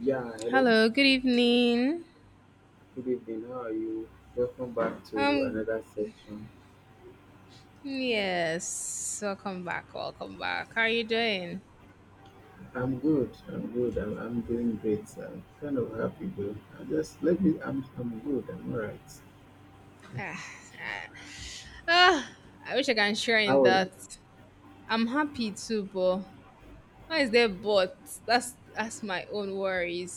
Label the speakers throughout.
Speaker 1: Yeah, hello.
Speaker 2: Hello, good evening.
Speaker 1: Good evening. How are you? Welcome back to
Speaker 2: Um,
Speaker 1: another section.
Speaker 2: yes, welcome back, welcome back. How are you doing?
Speaker 1: I'm good. I'm good. I'm doing great. I'm kind of happy though. I just let me. I'm good. I'm alright.
Speaker 2: Ah, ah, ah, I wish I can share in
Speaker 1: How are you?
Speaker 2: that. I'm happy too, but why is there but? That's my own worries.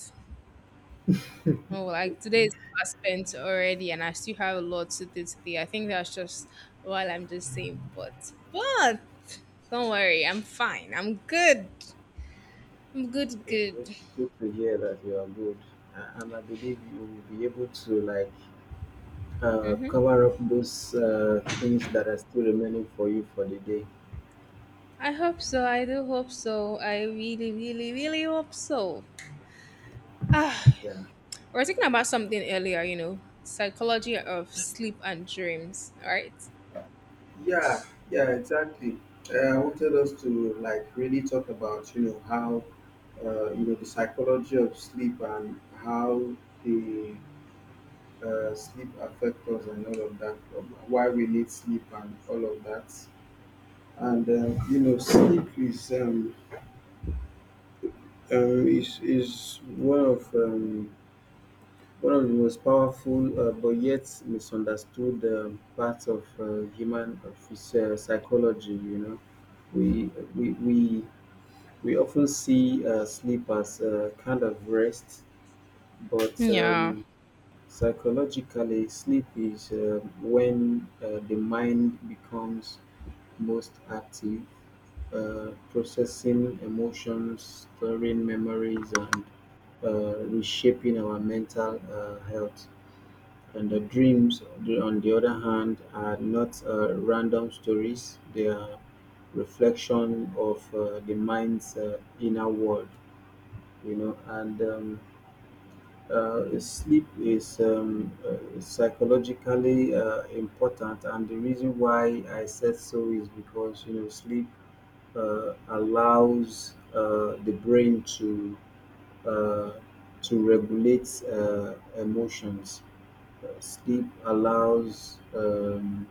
Speaker 2: Oh, like today is past spent already, and I still have a lot to do today. I think that's just while I'm just saying but, don't worry, I'm fine. I'm good. I'm good,
Speaker 1: It's good,
Speaker 2: good.
Speaker 1: good to hear that you are good, and I believe you will be able to like cover up those things that are still remaining for you for the day.
Speaker 2: I hope so. I do hope so. I really, really, really hope so. Ah,
Speaker 1: Yeah.
Speaker 2: we are talking about something earlier, you know, psychology of sleep and dreams, right?
Speaker 1: Yeah, yeah, exactly. I wanted us to like really talk about you know how you know the psychology of sleep and how the sleep affects us and all of that. Why we need sleep and all of that. And you know, sleep is um is is one of um, one of the most powerful but yet misunderstood parts of human psychology. You know we we often see sleep as a kind of rest, but
Speaker 2: Yeah.
Speaker 1: psychologically, sleep is when the mind becomes most active, processing emotions, storing memories, and reshaping our mental health. And the dreams, on the other hand, are not random stories, they are reflection of the mind's inner world, you know. And sleep is psychologically important, and the reason why I said so is because you know sleep allows the brain uh, to regulate emotions. Sleep allows um,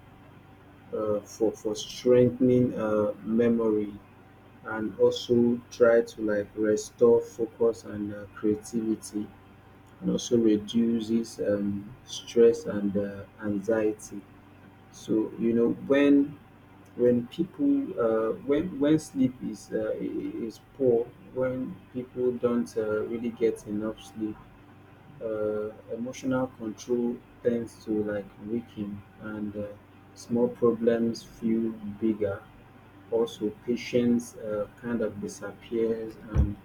Speaker 1: uh, for strengthening memory, and also try to like restore focus and creativity, and also reduces stress and anxiety. So you know when people when sleep is is poor, when people don't really get enough sleep, emotional control tends to like weaken, and small problems feel bigger. Also, patience kind of disappears, and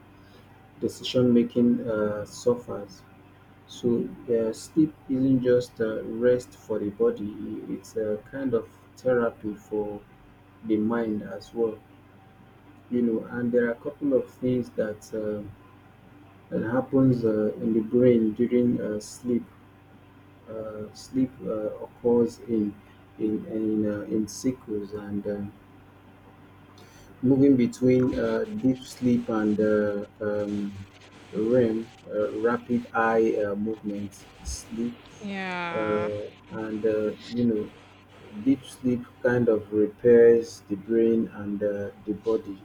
Speaker 1: decision making suffers. So sleep isn't just rest for the body; it's a kind of therapy for the mind as well. You know, and there are a couple of things that that happens in the brain during sleep. Sleep occurs in in cycles and moving between deep sleep and REM, rapid eye movement sleep,
Speaker 2: Yeah.
Speaker 1: uh, and you know deep sleep kind of repairs the brain and the body,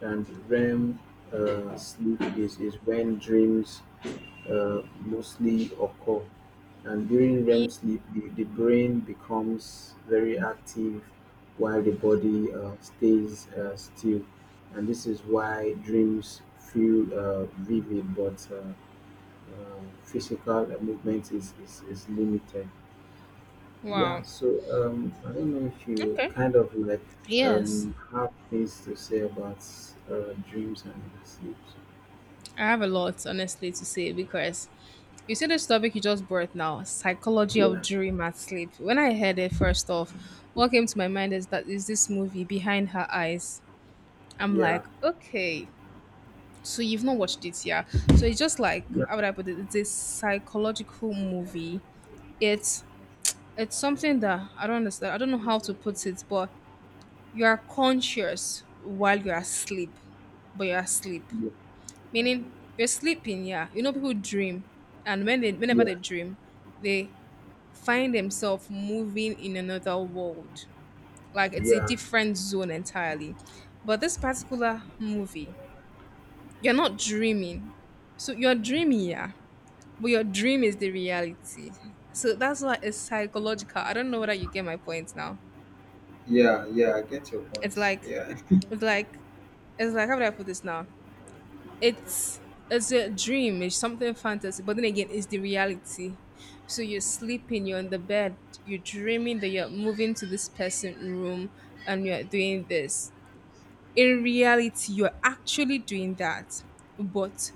Speaker 1: and REM sleep is when dreams mostly occur, and during REM
Speaker 2: Ye-
Speaker 1: sleep the brain becomes very active while the body stays still, and this is why dreams feel vivid, but physical movement is limited. Yeah,
Speaker 2: Wow.
Speaker 1: so I don't know if you
Speaker 2: Okay.
Speaker 1: kind of like
Speaker 2: Yes.
Speaker 1: have things to say about dreams and sleeps.
Speaker 2: I have a lot, honestly, to say because you see this topic you just brought now, psychology of
Speaker 1: Yeah,
Speaker 2: dream and sleep. When I heard it first off, what came to my mind is that is this movie Behind Her Eyes. I'm
Speaker 1: yeah,
Speaker 2: like, okay, so you've not watched it, yeah. So it's just like,
Speaker 1: yeah,
Speaker 2: how would I put it, it's a psychological movie. it's it's something that I don't understand. I don't know how to put it, but you are conscious while you're asleep, but you're asleep, meaning you're sleeping, yeah. You know, people dream, and when they whenever
Speaker 1: yeah,
Speaker 2: they dream, they find themselves moving in another world, like it's a
Speaker 1: yeah,
Speaker 2: different zone entirely. But this particular movie, you're not dreaming. So you're dreaming, yeah, but your dream is the reality. So that's why it's psychological. I don't know whether you get my point now.
Speaker 1: yeah. I get your
Speaker 2: It's
Speaker 1: point.
Speaker 2: like,
Speaker 1: Yeah.
Speaker 2: it's like, it's like, how would I put this now? It's it's a dream. It's something fantasy, but then again, it's the reality. So you're sleeping. You're on the bed. You're dreaming that you're moving to this person's room and you're doing this. In reality, you're actually doing that, but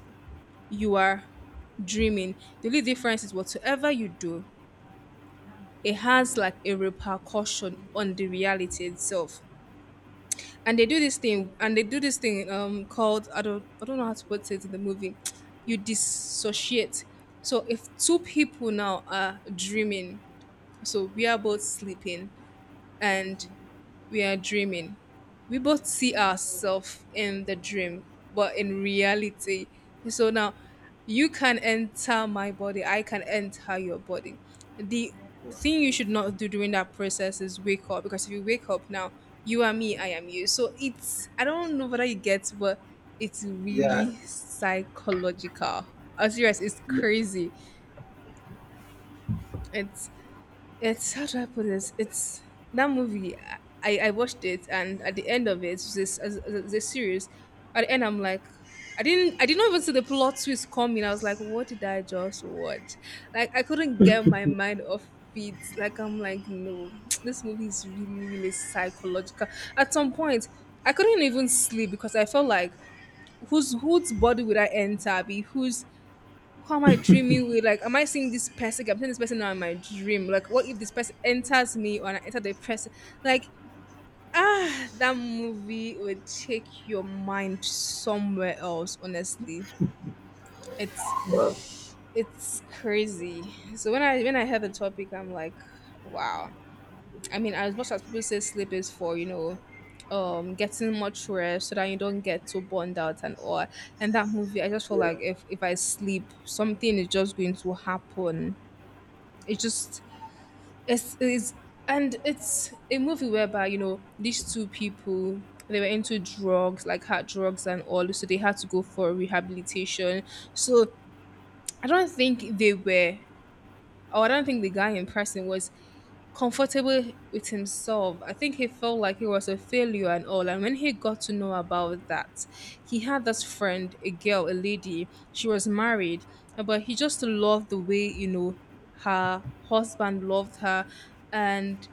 Speaker 2: you are dreaming. The only difference is, whatsoever you do, it has like a repercussion on the reality itself. And they do this thing, and they do this thing called, I don't know how to put it, in the movie. You dissociate. So if two people now are dreaming, so we are both sleeping, and we are dreaming. We both see ourselves in the dream, but in reality. So now you can enter my body, I can enter your body. The
Speaker 1: Wow.
Speaker 2: thing you should not do during that process is wake up, because if you wake up now, you are me, I am you. So it's, I don't know whether you get, but it's
Speaker 1: Yeah,
Speaker 2: really psychological. I'm serious, it's
Speaker 1: yeah.
Speaker 2: crazy. It's it's how do I put this? It's that movie. I watched it, and at the end of it, it's this as a series. At the end, I'm like, I didn't even see the plot twist coming. I was like, what did I just watch? Like, I couldn't get my mind off it. Like, I'm like, no, this movie is really really psychological. At some point, I couldn't even sleep because I felt like, whose body would I enter? Be whose, how am I dreaming with? Like, am I seeing this person? I'm seeing this person now in my dream. Like, what if this person enters me or I enter the person? Like, ah, that movie would take your mind somewhere else. Honestly,
Speaker 1: Well,
Speaker 2: it's crazy. So when I heard the topic, I'm like, wow. I mean, as much as people say sleep is for, you know, getting much rest so that you don't get too burned out and all. And that movie, I just feel
Speaker 1: yeah.
Speaker 2: like if I sleep, something is just going to happen. It just it's and it's a movie whereby, you know, these two people, they were into drugs, like hard drugs and all, so they had to go for rehabilitation. So I don't think they were, or I don't think the guy in person was comfortable with himself. I think he felt like he was a failure and all. And when he got to know about that, he had this friend, a girl, a lady, she was married, but he just loved the way, you know, her husband loved her. And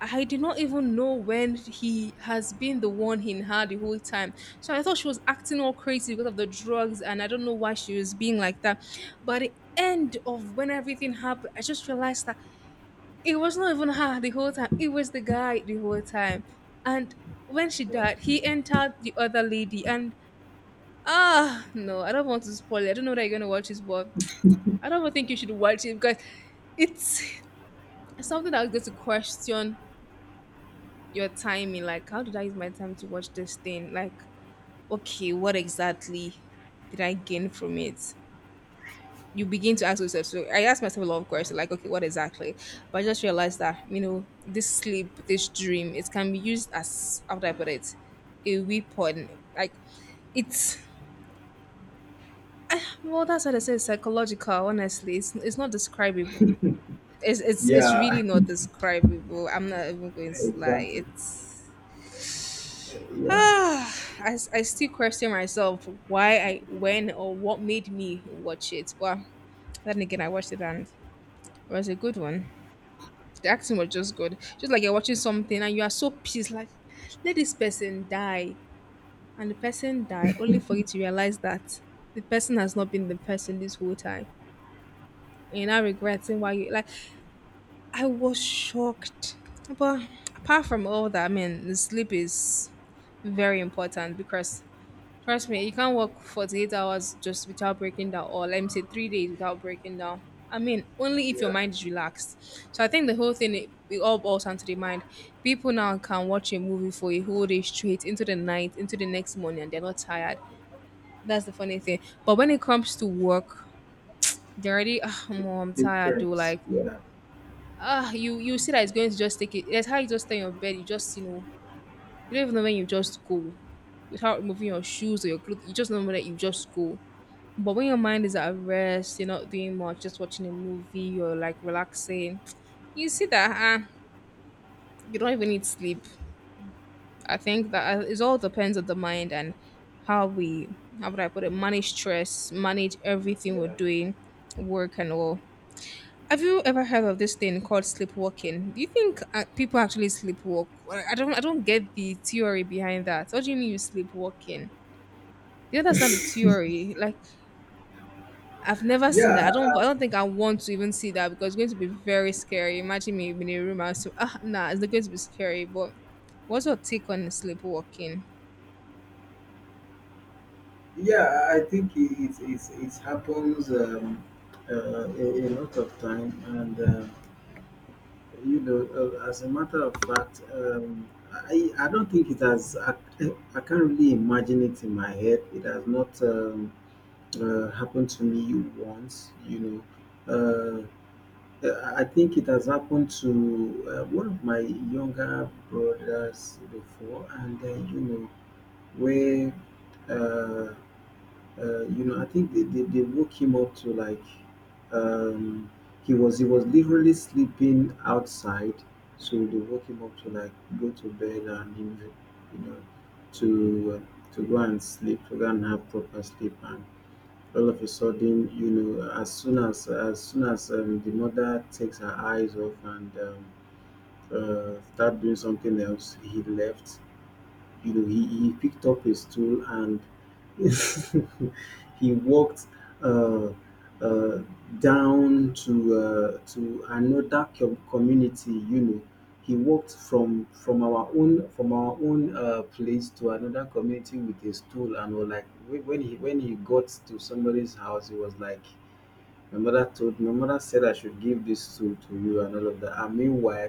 Speaker 2: I did not even know when he has been the one in her the whole time. So I thought she was acting all crazy because of the drugs, and I don't know why she was being like that. But at the end of when everything happened, I just realized that it was not even her the whole time. It was the guy the whole time. And when she
Speaker 1: Wow.
Speaker 2: died, he entered the other lady. And ah, no, I don't want to spoil it. I don't know that you're gonna watch this, but I don't think you should watch it because it's something that I was going to question your timing. Like, how did I use my time to watch this thing? Like, okay, what exactly did I gain from it? You begin to ask yourself. So I asked myself a lot of questions, like, okay, what exactly? But I just realized that, you know, this sleep, this dream, it can be used as, how do I put it, a weapon. Like, it's ah, well, that's what I say, psychological. Honestly, it's not describable. It's, it's
Speaker 1: Yeah.
Speaker 2: really not describable. I'm not even going to lie,
Speaker 1: Exactly.
Speaker 2: it's
Speaker 1: Eh, yeah.
Speaker 2: ah, I still question myself why I, when, or what made me watch it. But then again, I watched it and it was a good one. The acting was just good. Just like you're watching something and you are so pissed, like, let this person die. And the person die, only for you to realize that the person has not been the person this whole time. And I regretting why you, like, I was shocked. But apart from all that, I mean the sleep is very important because, trust me, you can't work 48 hours just without breaking down, or let me say 3 days without breaking down. I mean, only
Speaker 1: Yeah.
Speaker 2: if your mind is relaxed. So I think the whole thing, it all boils down to the mind. People now can watch a movie for a whole day straight into the night, into the next morning, and they're not tired. That's the funny thing. But when it comes to work, they're already, ah, Mom, I'm tired, do,
Speaker 1: Different.
Speaker 2: like,
Speaker 1: Yeah.
Speaker 2: ah, you see that it's going to just take it. That's how you just stay in your bed. You just, you know, you don't even know when you just go without removing your shoes or your clothes. You just know that you just go. But when your mind is at rest, you're not doing much, just watching a movie, you're like relaxing, you see that you don't even need sleep. I think that it all depends on the mind and how we, how would I put it, manage stress, manage everything
Speaker 1: Yeah.
Speaker 2: we're
Speaker 1: Yeah.
Speaker 2: doing, work and all. Have you ever heard of this thing called sleepwalking? Do you think people actually sleepwalk? Well, I don't get the theory behind that. What do you mean you sleepwalking? You understand the theory? Like, I've never seen
Speaker 1: Yeah,
Speaker 2: that. I don't. I don't think I want to even see that because it's going to be very scary. Imagine me in a room and so, ah, nah, it's not going to be scary. But what's your take on sleepwalking?
Speaker 1: yeah, I think it happens a lot of time, and you know, as a matter of fact, I don't think it has. I can't really imagine it in my head. It has not happened to me once. You know, I think it has happened to one of my younger brothers before, and then you know where. Uh, you know, I think they woke him up to like um, he was literally sleeping outside, so they woke him up to like go to bed, and you know, you know, to go and sleep, to go and have proper sleep, and all of a sudden, you know, as soon as the mother takes her eyes off and start doing something else, he left, you know. He he picked up a stool and he walked uh, uh, down to another community. You know, he walked from our own place to another community with a stool, and was like when he got to somebody's house, he was like, "My mother told, my mother said I should give this stool to you and all of that." And meanwhile,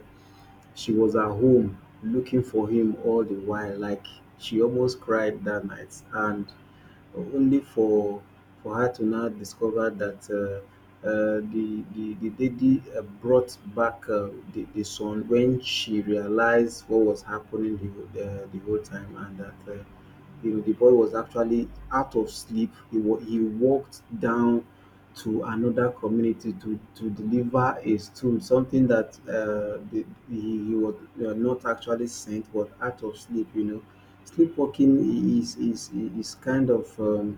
Speaker 1: she was at home looking for him all the while. Like, she almost cried that night, and only for her to now discover that the lady brought back the son when she realized what was happening the the whole time, and that you know the boy was actually out of sleep. He he walked down to another community to deliver a stool, something that he was not actually sent, but out of sleep. You know, sleepwalking is kind of um,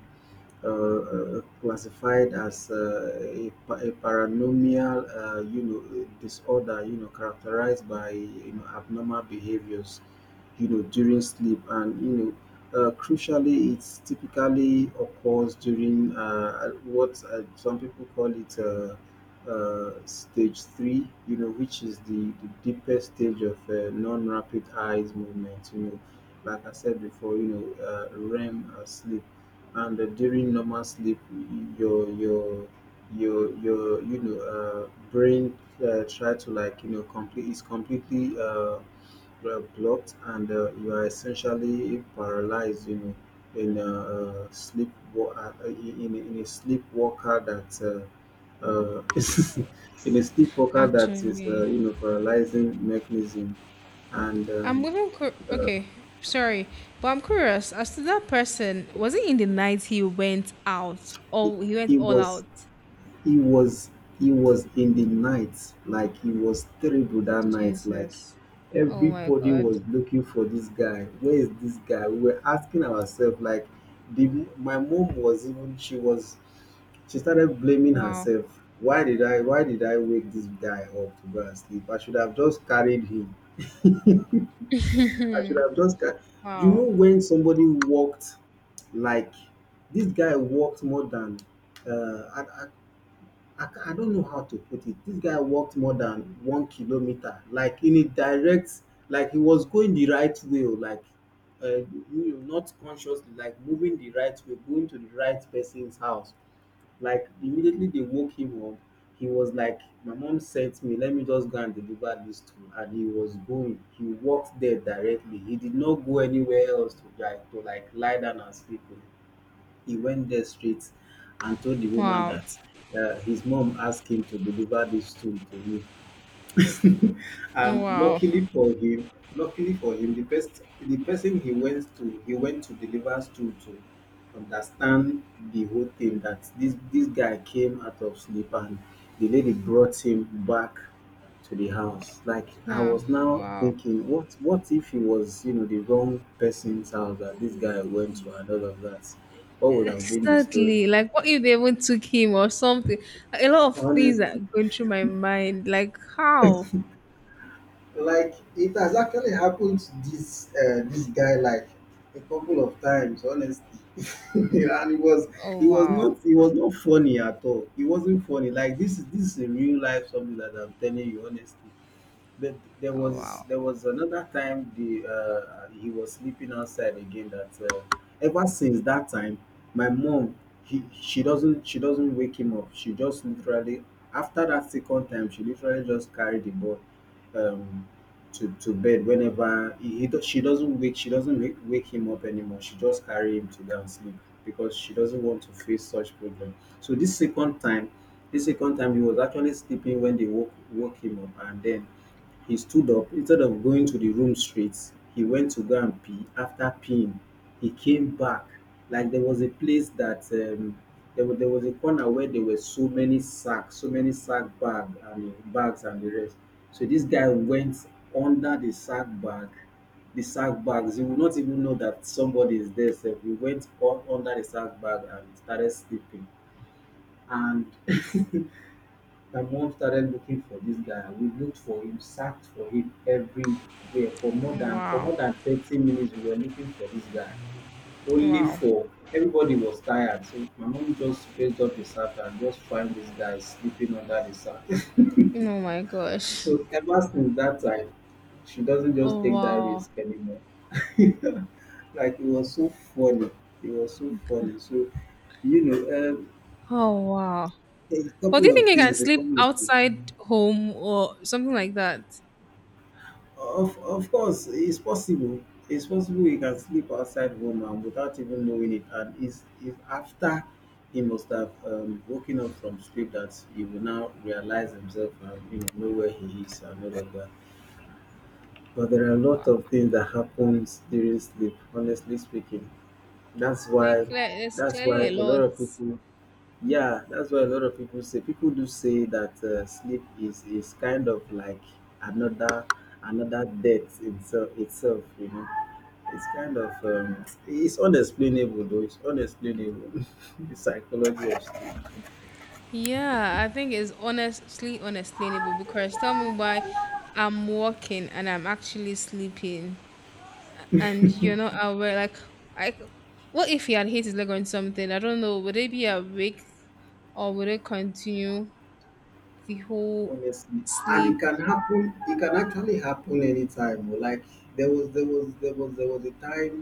Speaker 1: uh, uh, classified as a paranomial, you know, disorder, you know, characterized by you know abnormal behaviors, you know, during sleep, and you know, crucially, it's typically occurs during what some people call it. Stage three, you know, which is the deepest stage of non-rapid eyes movement. You know, like I said before, you know, REM sleep, and during normal sleep your you know brain try to like you know complete is completely blocked, and you are essentially paralyzed. You know, in a sleep wa- in a sleepwalker that uh, in a sleepwalker that is
Speaker 2: Actually,
Speaker 1: you know paralyzing mechanism, and uh,
Speaker 2: okay. Sorry, but I'm curious as to that person. Was it in the night he went out,
Speaker 1: it,
Speaker 2: or he went
Speaker 1: it
Speaker 2: all
Speaker 1: was,
Speaker 2: out?
Speaker 1: he was he was in the night. Like, he was terrible that night. Like,
Speaker 2: Jesus! Oh my
Speaker 1: everybody
Speaker 2: God!
Speaker 1: was looking for this guy. Where is this guy? We were asking ourselves, like the my mom was, even she was, she started blaming
Speaker 2: Wow!
Speaker 1: herself. Why did I, why did I wake this guy up to go and sleep? I should have just carried him. I should have just car- You know,
Speaker 2: Wow!
Speaker 1: when somebody walked, like, this guy walked more than uh, I, I I don't know how to put it. This guy walked more than 1 kilometer, like in a direct, like he was going the right way, or like, you know, not consciously, like moving the right way, going to the right person's house. Like immediately they woke him up, he was like, "My mom sent me. Let me just go and deliver this to her." And he was going. He walked there directly. He did not go anywhere else to like lie down and sleep. He went there straight and told the woman
Speaker 2: Wow!
Speaker 1: that his mom asked him to deliver this tool to you. And
Speaker 2: Wow!
Speaker 1: luckily for him, luckily for him, the person he went to, he went to deliver to understand the whole thing, that this guy came out of sleep, and the lady brought him back to the house. Like, I
Speaker 2: Yeah!
Speaker 1: was now
Speaker 2: Wow!
Speaker 1: thinking, what if he was you know the wrong person's house that this guy went to and all of that? What would have been the story,
Speaker 2: Exactly. Like, what if they even took him or something? A lot of things
Speaker 1: honest?
Speaker 2: are going through my mind. Like, how?
Speaker 1: Like, it has actually happened to this this guy like a couple of times, honestly. And it
Speaker 2: Oh,
Speaker 1: was
Speaker 2: wow.
Speaker 1: not, it was not funny at all. It wasn't funny. Like, this is a real life something that I'm telling you, honestly. But
Speaker 2: Oh, wow.
Speaker 1: there was another time the he was sleeping outside again. That ever since that time, my mom, he she doesn't, she doesn't wake him up. She just literally, after that second time, she literally just carried the boy um, to bed whenever she doesn't wake she doesn't wake him up anymore. She just carry him to go and sleep, because she doesn't want to face such problem. So this second time he was actually sleeping when they woke him up, and then he stood up. Instead of going to the room straight, he went to go and pee. After peeing, he came back. Like, there was a place that there was a corner where there were so many sacks, so many sack bag and bags and the rest. So this guy went under the sack bag, the sack bags. He would not even know that somebody is there. So he went under the sack bag and started sleeping. And my mom started looking for this guy. We looked for him, searched for him everywhere for
Speaker 2: Wow.
Speaker 1: more than 30 minutes. We were looking for this guy, only
Speaker 2: Wow.
Speaker 1: for everybody was tired. So my mom just raised up the sack and just find this guy sleeping under the sack.
Speaker 2: Oh, my gosh.
Speaker 1: So ever since that time, she doesn't just
Speaker 2: Oh,
Speaker 1: take that
Speaker 2: wow.
Speaker 1: risk anymore. Like it was so funny. It was so funny. So you know, um,
Speaker 2: Oh, wow.
Speaker 1: a
Speaker 2: But do
Speaker 1: couple
Speaker 2: you think
Speaker 1: of
Speaker 2: you can
Speaker 1: things. A
Speaker 2: sleep
Speaker 1: couple of things.
Speaker 2: outside home or something like that?
Speaker 1: Of course, it's possible. It's possible he can sleep outside home and without even knowing it, and it's after he must have woken up from sleep that he will now realize himself and know where he is and all of that. But there are a
Speaker 2: Wow.
Speaker 1: lot of things that happens during sleep. Honestly speaking, that's why
Speaker 2: Like, it's
Speaker 1: that's why
Speaker 2: clearly a
Speaker 1: a lot
Speaker 2: lot.
Speaker 1: of people, yeah, that's what a lot of people say. People do say that sleep is kind of like another another death itself. Itself, you know, it's kind of, it's unexplainable though. It's unexplainable. the psychology of
Speaker 2: Yeah, I think it's honestly unexplainable because tell me why I'm walking and I'm actually sleeping, and you know, not aware. Like, I, what if he had hit his leg on something? I don't know. Would they be awake, or would it continue the whole
Speaker 1: honestly, and it
Speaker 2: sleep?
Speaker 1: can happen It can actually happen anytime, oh, like there was a time.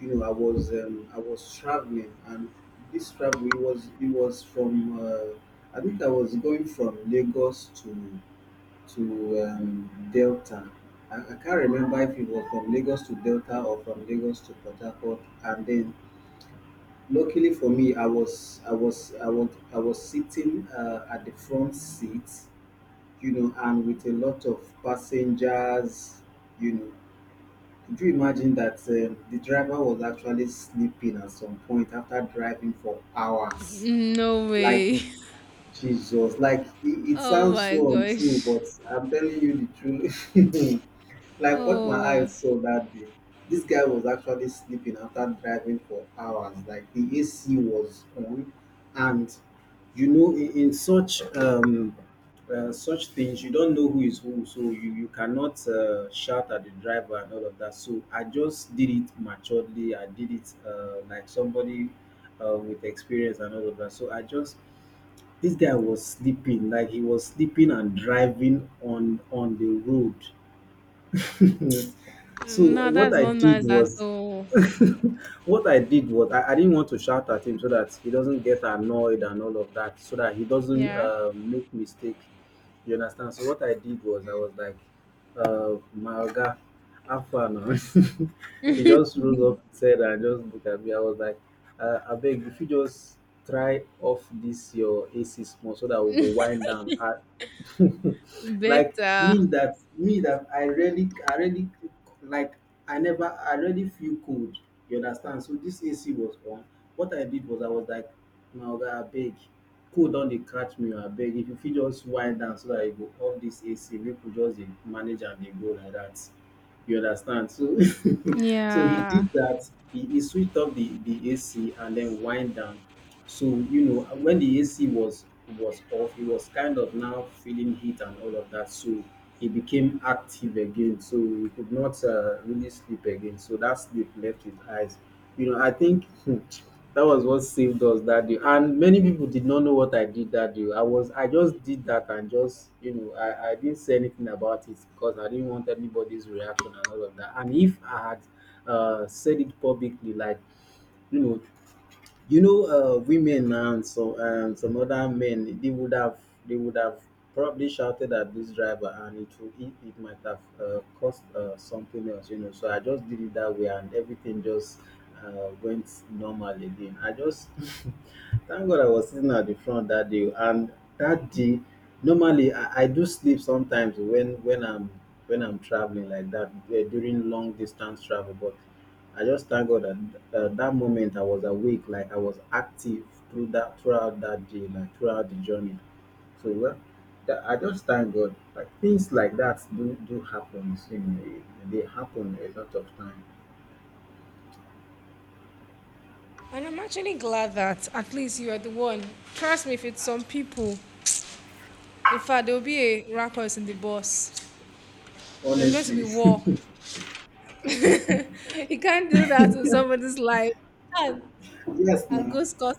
Speaker 1: You know, I was traveling, and this travel, it was from I think I was going from Lagos to to Delta. I can't remember if it was from Lagos to Delta or from Lagos to Port Harcourt, and then luckily for me I was sitting at the front seat, and with a lot of passengers, you know. Could you imagine that the driver was actually sleeping at some point after driving for hours?
Speaker 2: No
Speaker 1: Like,
Speaker 2: way.
Speaker 1: Jesus, like it
Speaker 2: Oh
Speaker 1: sounds
Speaker 2: my
Speaker 1: so untrue,
Speaker 2: gosh.
Speaker 1: but I'm telling you the truth. Like what my
Speaker 2: Oh,
Speaker 1: eyes saw that day, this guy was actually sleeping after driving for hours. Like the AC was on, and in such things, you don't know who is who, so you cannot shout at the driver and all of that. So I just did it maturely. I did it like somebody with experience and all of that. So I just this guy was sleeping, like he was sleeping and driving on the road. So
Speaker 2: no,
Speaker 1: what
Speaker 2: that's
Speaker 1: I
Speaker 2: not
Speaker 1: did
Speaker 2: nice at
Speaker 1: was,
Speaker 2: all.
Speaker 1: What I did was, I didn't want to shout at him so that he doesn't get annoyed and all of that, so that he doesn't
Speaker 2: Yeah,
Speaker 1: make mistake. You understand? So what I did was, I was like, "My oga, have fun. Oh." He just rose up, said, and just looked at me. I was like, "I beg, if you just try off this your AC small so that we'll go wind down. Like me
Speaker 2: better.
Speaker 1: that me that I really like I never I really feel cold. You understand? So this AC was on. What I did was I was like, now I beg, cold don dey catch me, I beg, if you fit just wind down so that I go off this AC make we just dey manage am dey go like that. You understand? So he
Speaker 2: Yeah.
Speaker 1: did that. He switched off the AC and then wind down. So you know when the AC was off, he was kind of now feeling heat and all of that. So he became active again. So he could not really sleep again. So that sleep left his eyes. You know, I think that was what saved us that day. And many people did not know what I did that day. I just did that and just I didn't say anything about it because I didn't want anybody's reaction and all of that. And if I had said it publicly, like, you know women and so and some other men, they would have probably shouted at this driver, and it might have caused something else, you know. So I just did it that way, and everything just went normal again. I just thank God I was sitting at the front that day. And that day, normally, I do sleep sometimes when I'm traveling like that, during long distance travel. But I just thank God that that moment I was awake. Like, I was active throughout that day, like throughout the journey. So well, that, I just thank God. Like, things like that do happen. You know, they happen a lot of time.
Speaker 2: And I'm actually glad that at least you are the one. Trust me, if it's some people, in fact, there will be a ruckus in the bus. There's going to be
Speaker 1: Honestly,
Speaker 2: war. You can't do that to somebody's life. And,
Speaker 1: yes,
Speaker 2: and
Speaker 1: now,
Speaker 2: go scot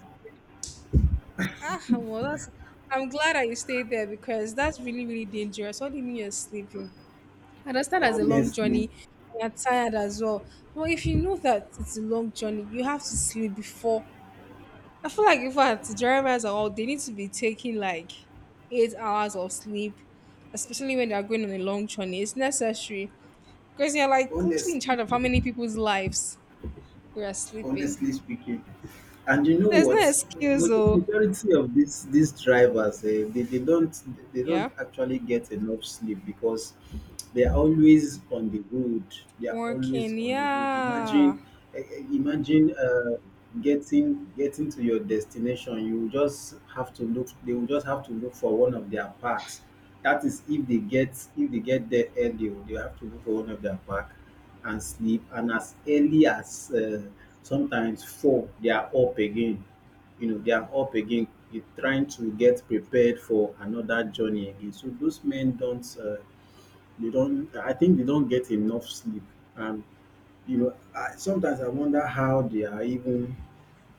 Speaker 2: ah, well, that's. I'm glad that you stayed there because that's really, really dangerous. What do you mean you're sleeping? I understand that's a long
Speaker 1: honestly,
Speaker 2: journey. You're tired as well. But if you know that it's a long journey, you have to sleep before. I feel like if I had to drivers are all, they need to be taking like 8 hours of sleep, especially when they are going on a long journey. It's necessary because you're like literally in
Speaker 1: honestly,
Speaker 2: charge of how many people's lives you are sleeping.
Speaker 1: honestly speaking. And you know
Speaker 2: There's no
Speaker 1: what?
Speaker 2: excuse, though.
Speaker 1: Majority of these drivers, they don't
Speaker 2: Yeah.
Speaker 1: actually get enough sleep because they are always on the road. They are always
Speaker 2: Working,
Speaker 1: on the road.
Speaker 2: yeah.
Speaker 1: Imagine, getting to your destination. You will just have to look. They will just have to look for one of their parks. That is if they get there early, they will have to look for one of their park and sleep. And as early as sometimes four, they are up again, they are up again, trying to get prepared for another journey again. So those men don't, they don't, I think they don't get enough sleep. And you know, I wonder how they are even,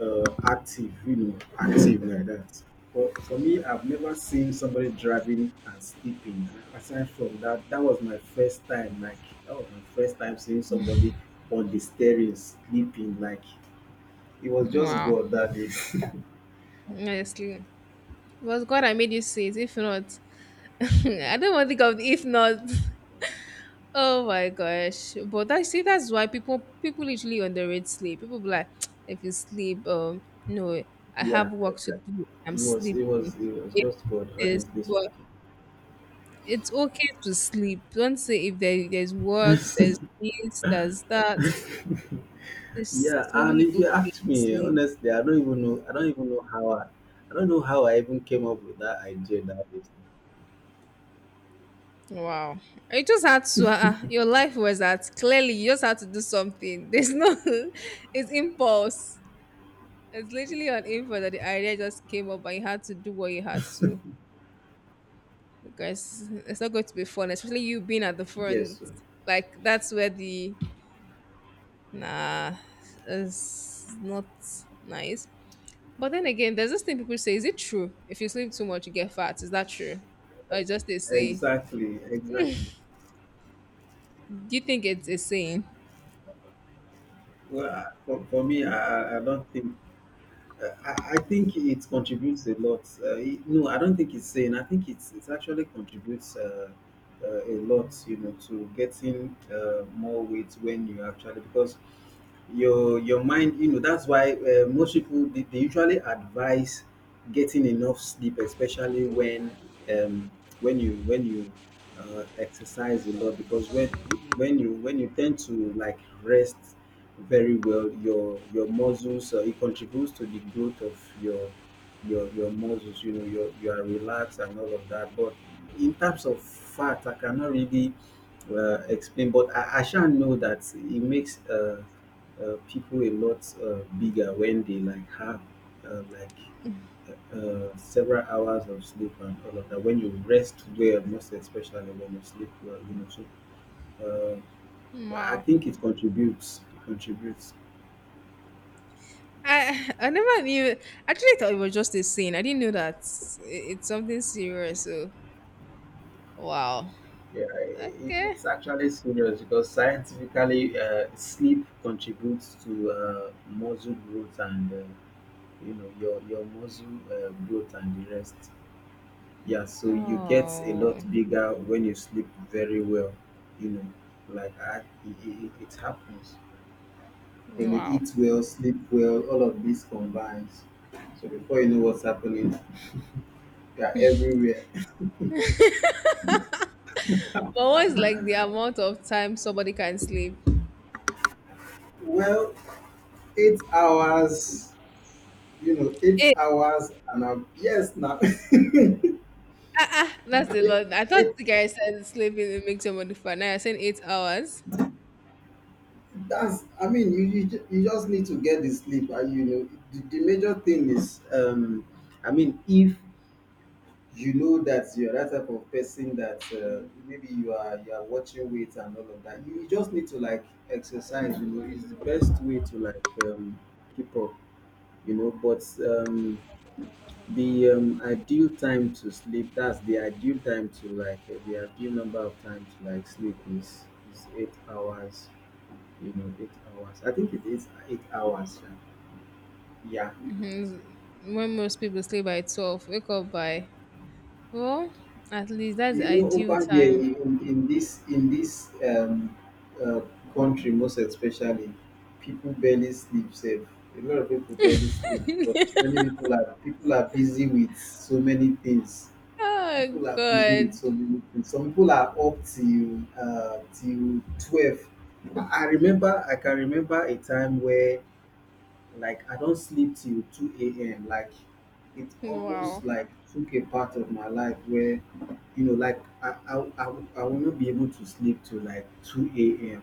Speaker 1: active, active like that. But for me, I've never seen somebody driving and sleeping. Aside from that, that was my first time. Like, that was my first time seeing somebody on the steering sleeping. Like, it was just
Speaker 2: Wow.
Speaker 1: God that day.
Speaker 2: Honestly. It was God I made you see it. If not, I don't want to think of the if not. Oh my gosh. But I see that's why people literally underrate sleep. People be like, if you sleep, no, I
Speaker 1: Yeah,
Speaker 2: have work to do. I'm
Speaker 1: it was. It
Speaker 2: sleeping.
Speaker 1: was. It was
Speaker 2: If
Speaker 1: just God.
Speaker 2: this,
Speaker 1: Honestly
Speaker 2: but it's okay to sleep. Don't say if there's work, there's
Speaker 1: speaking.
Speaker 2: this, there's that. It's
Speaker 1: Yeah, and
Speaker 2: really
Speaker 1: if you
Speaker 2: okay
Speaker 1: ask
Speaker 2: to
Speaker 1: me,
Speaker 2: sleep.
Speaker 1: honestly, I don't even know. I don't even know how I. I don't know how I even came up with that idea that day.
Speaker 2: Wow. You just had to, your life was that clearly you just had to do something. There's no, it's impulse. It's literally an impulse that the idea just came up and you had to do what you had to because it's not going to be fun, especially you being at the
Speaker 1: Yes,
Speaker 2: front.
Speaker 1: sir.
Speaker 2: Like, that's where the, nah, it's not nice. But then again, there's this thing people say, is it true? If you sleep too much, you get fat. Is that true? Or is just a saying?
Speaker 1: Exactly, exactly.
Speaker 2: Do you think it's a saying?
Speaker 1: Well, for me, I don't think. I think it contributes a lot. No, I don't think it's saying. I think it actually contributes. A lot, you know, to getting more weight when you actually, because your mind, you know, that's why most people, they usually advise getting enough sleep, especially um, when you exercise a lot. Because when you tend to like rest very well, your muscles, it contributes to the growth of your muscles, you know, you are relaxed and all of that. But in terms of fat, I cannot really explain. But I shall know that it makes, people a lot bigger when they, like, have uh, like several hours of sleep and all of that. When you rest well, most especially when you sleep well, so I
Speaker 2: Wow.
Speaker 1: think it contributes.
Speaker 2: I never knew. Actually, I thought it was just a scene. I didn't know that it's something serious. So wow.
Speaker 1: Yeah, it,
Speaker 2: Okay.
Speaker 1: it's actually serious because scientifically, sleep contributes to muscle growth and, you know, your muscle, growth and the rest. Yeah, so you get a lot
Speaker 2: Oh
Speaker 1: bigger when you sleep very well. You know, like, it happens when you
Speaker 2: wow.
Speaker 1: eat well, sleep well. All of this combines. So before you know what's happening, you're everywhere.
Speaker 2: But what's like the amount of time somebody can sleep?
Speaker 1: Well, 8 hours. You know, eight
Speaker 2: Eight.
Speaker 1: hours and yes, now,
Speaker 2: That's a lot. I thought
Speaker 1: it,
Speaker 2: the guy said sleeping it makes somebody fat. Now I said 8 hours.
Speaker 1: that's, I mean, you just need to get the sleep. And, you know, the major thing is, I mean, if you know that you're that type of person that, maybe you are, watching weight and all of that, you just need to, like, exercise. You know, is the best way to, like, keep up, but the ideal time to sleep, that's the ideal time to, like, the ideal number of time to, like, sleep is 8 hours. You know, 8 hours. I think it is 8 hours. Yeah.
Speaker 2: Mhm. When most people sleep by 12, wake up by well, at least that's the
Speaker 1: You know,
Speaker 2: ideal
Speaker 1: over here
Speaker 2: time.
Speaker 1: in this, uh, country, most especially, people barely sleep safe. A lot of people barely sleep because many people are busy with so many things.
Speaker 2: Oh
Speaker 1: People are busy with
Speaker 2: God!
Speaker 1: so many things. Some people are up till 12. I can remember a time where, like, I don't sleep till two a.m. Like, it almost
Speaker 2: Wow!
Speaker 1: like took a part of my life where like, I will not be able to sleep till like 2 a.m.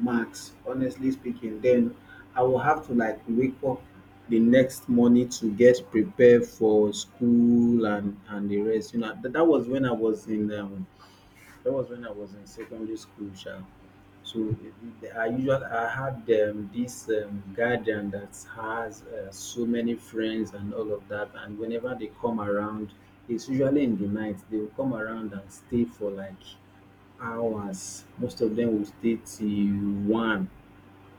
Speaker 1: max, honestly speaking. Then I will have to, like, wake up the next morning to get prepared for school and the rest. You know, that was when I was in secondary school sha. So I had, this, guardian that has, so many friends and all of that. And whenever they come around, it's usually in the night they will come around and stay for like hours. Most of them will stay till one,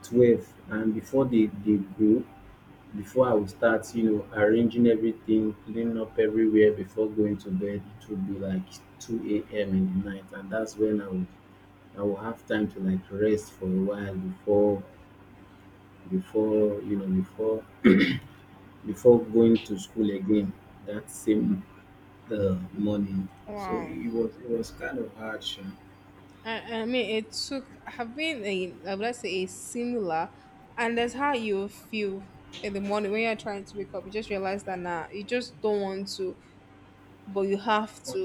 Speaker 1: twelve, and before they go, before I will start, arranging everything, cleaning up everywhere before going to bed, it will be like 2 a.m in the night. And that's when I will have time to, like, rest for a while before before you know before before going to school again, that same, morning. So
Speaker 2: Wow!
Speaker 1: it was kind of hard, sha.
Speaker 2: I mean, it took have been a I would like say a similar, and that's how you feel in the morning when you're trying to wake up. You just realize that now you just don't want to, but you have to.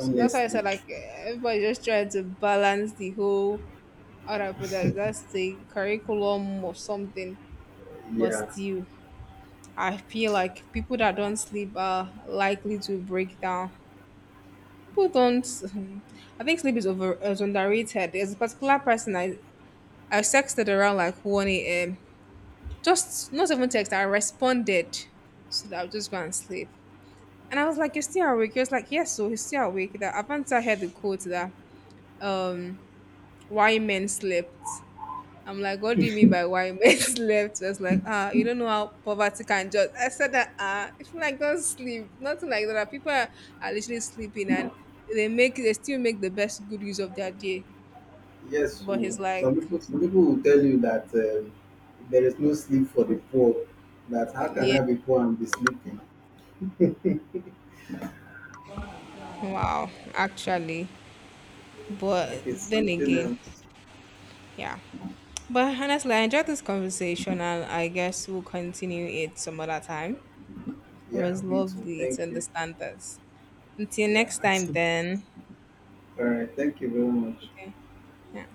Speaker 2: So that's why I
Speaker 1: Honestly.
Speaker 2: said like everybody just trying to balance the whole how do I put that that's the curriculum or something. But
Speaker 1: Yeah.
Speaker 2: still, I feel like people that don't sleep are likely to break down. People don't. I think sleep is over is underrated. There's a particular person I texted around like 1 a.m. Just not even text, I responded so that I'll just go and sleep. And I was like, You're still awake? He was like, Yes, so he's still awake. That Avanta heard the quote that um why men slept. I'm like, What do you mean by why men slept? He was like, ah, you don't know how poverty can just I said that ah, if you like don't sleep, nothing like that. Are literally sleeping and they still make the best good use of their day.
Speaker 1: Yes,
Speaker 2: But
Speaker 1: so
Speaker 2: he's like,
Speaker 1: some people will tell you that, there is no sleep for the poor. That how can
Speaker 2: Yeah,
Speaker 1: I be poor and be sleeping?
Speaker 2: wow, actually.
Speaker 1: Like,
Speaker 2: But
Speaker 1: it's
Speaker 2: then
Speaker 1: something
Speaker 2: again,
Speaker 1: else.
Speaker 2: yeah. But honestly, I enjoyed this conversation and I guess we'll continue it some other time. It
Speaker 1: Yeah,
Speaker 2: was
Speaker 1: me too.
Speaker 2: lovely
Speaker 1: Thank
Speaker 2: to
Speaker 1: you.
Speaker 2: understand this. Until
Speaker 1: Yeah.
Speaker 2: next time, then.
Speaker 1: All right. Thank you very much.
Speaker 2: Okay. Yeah.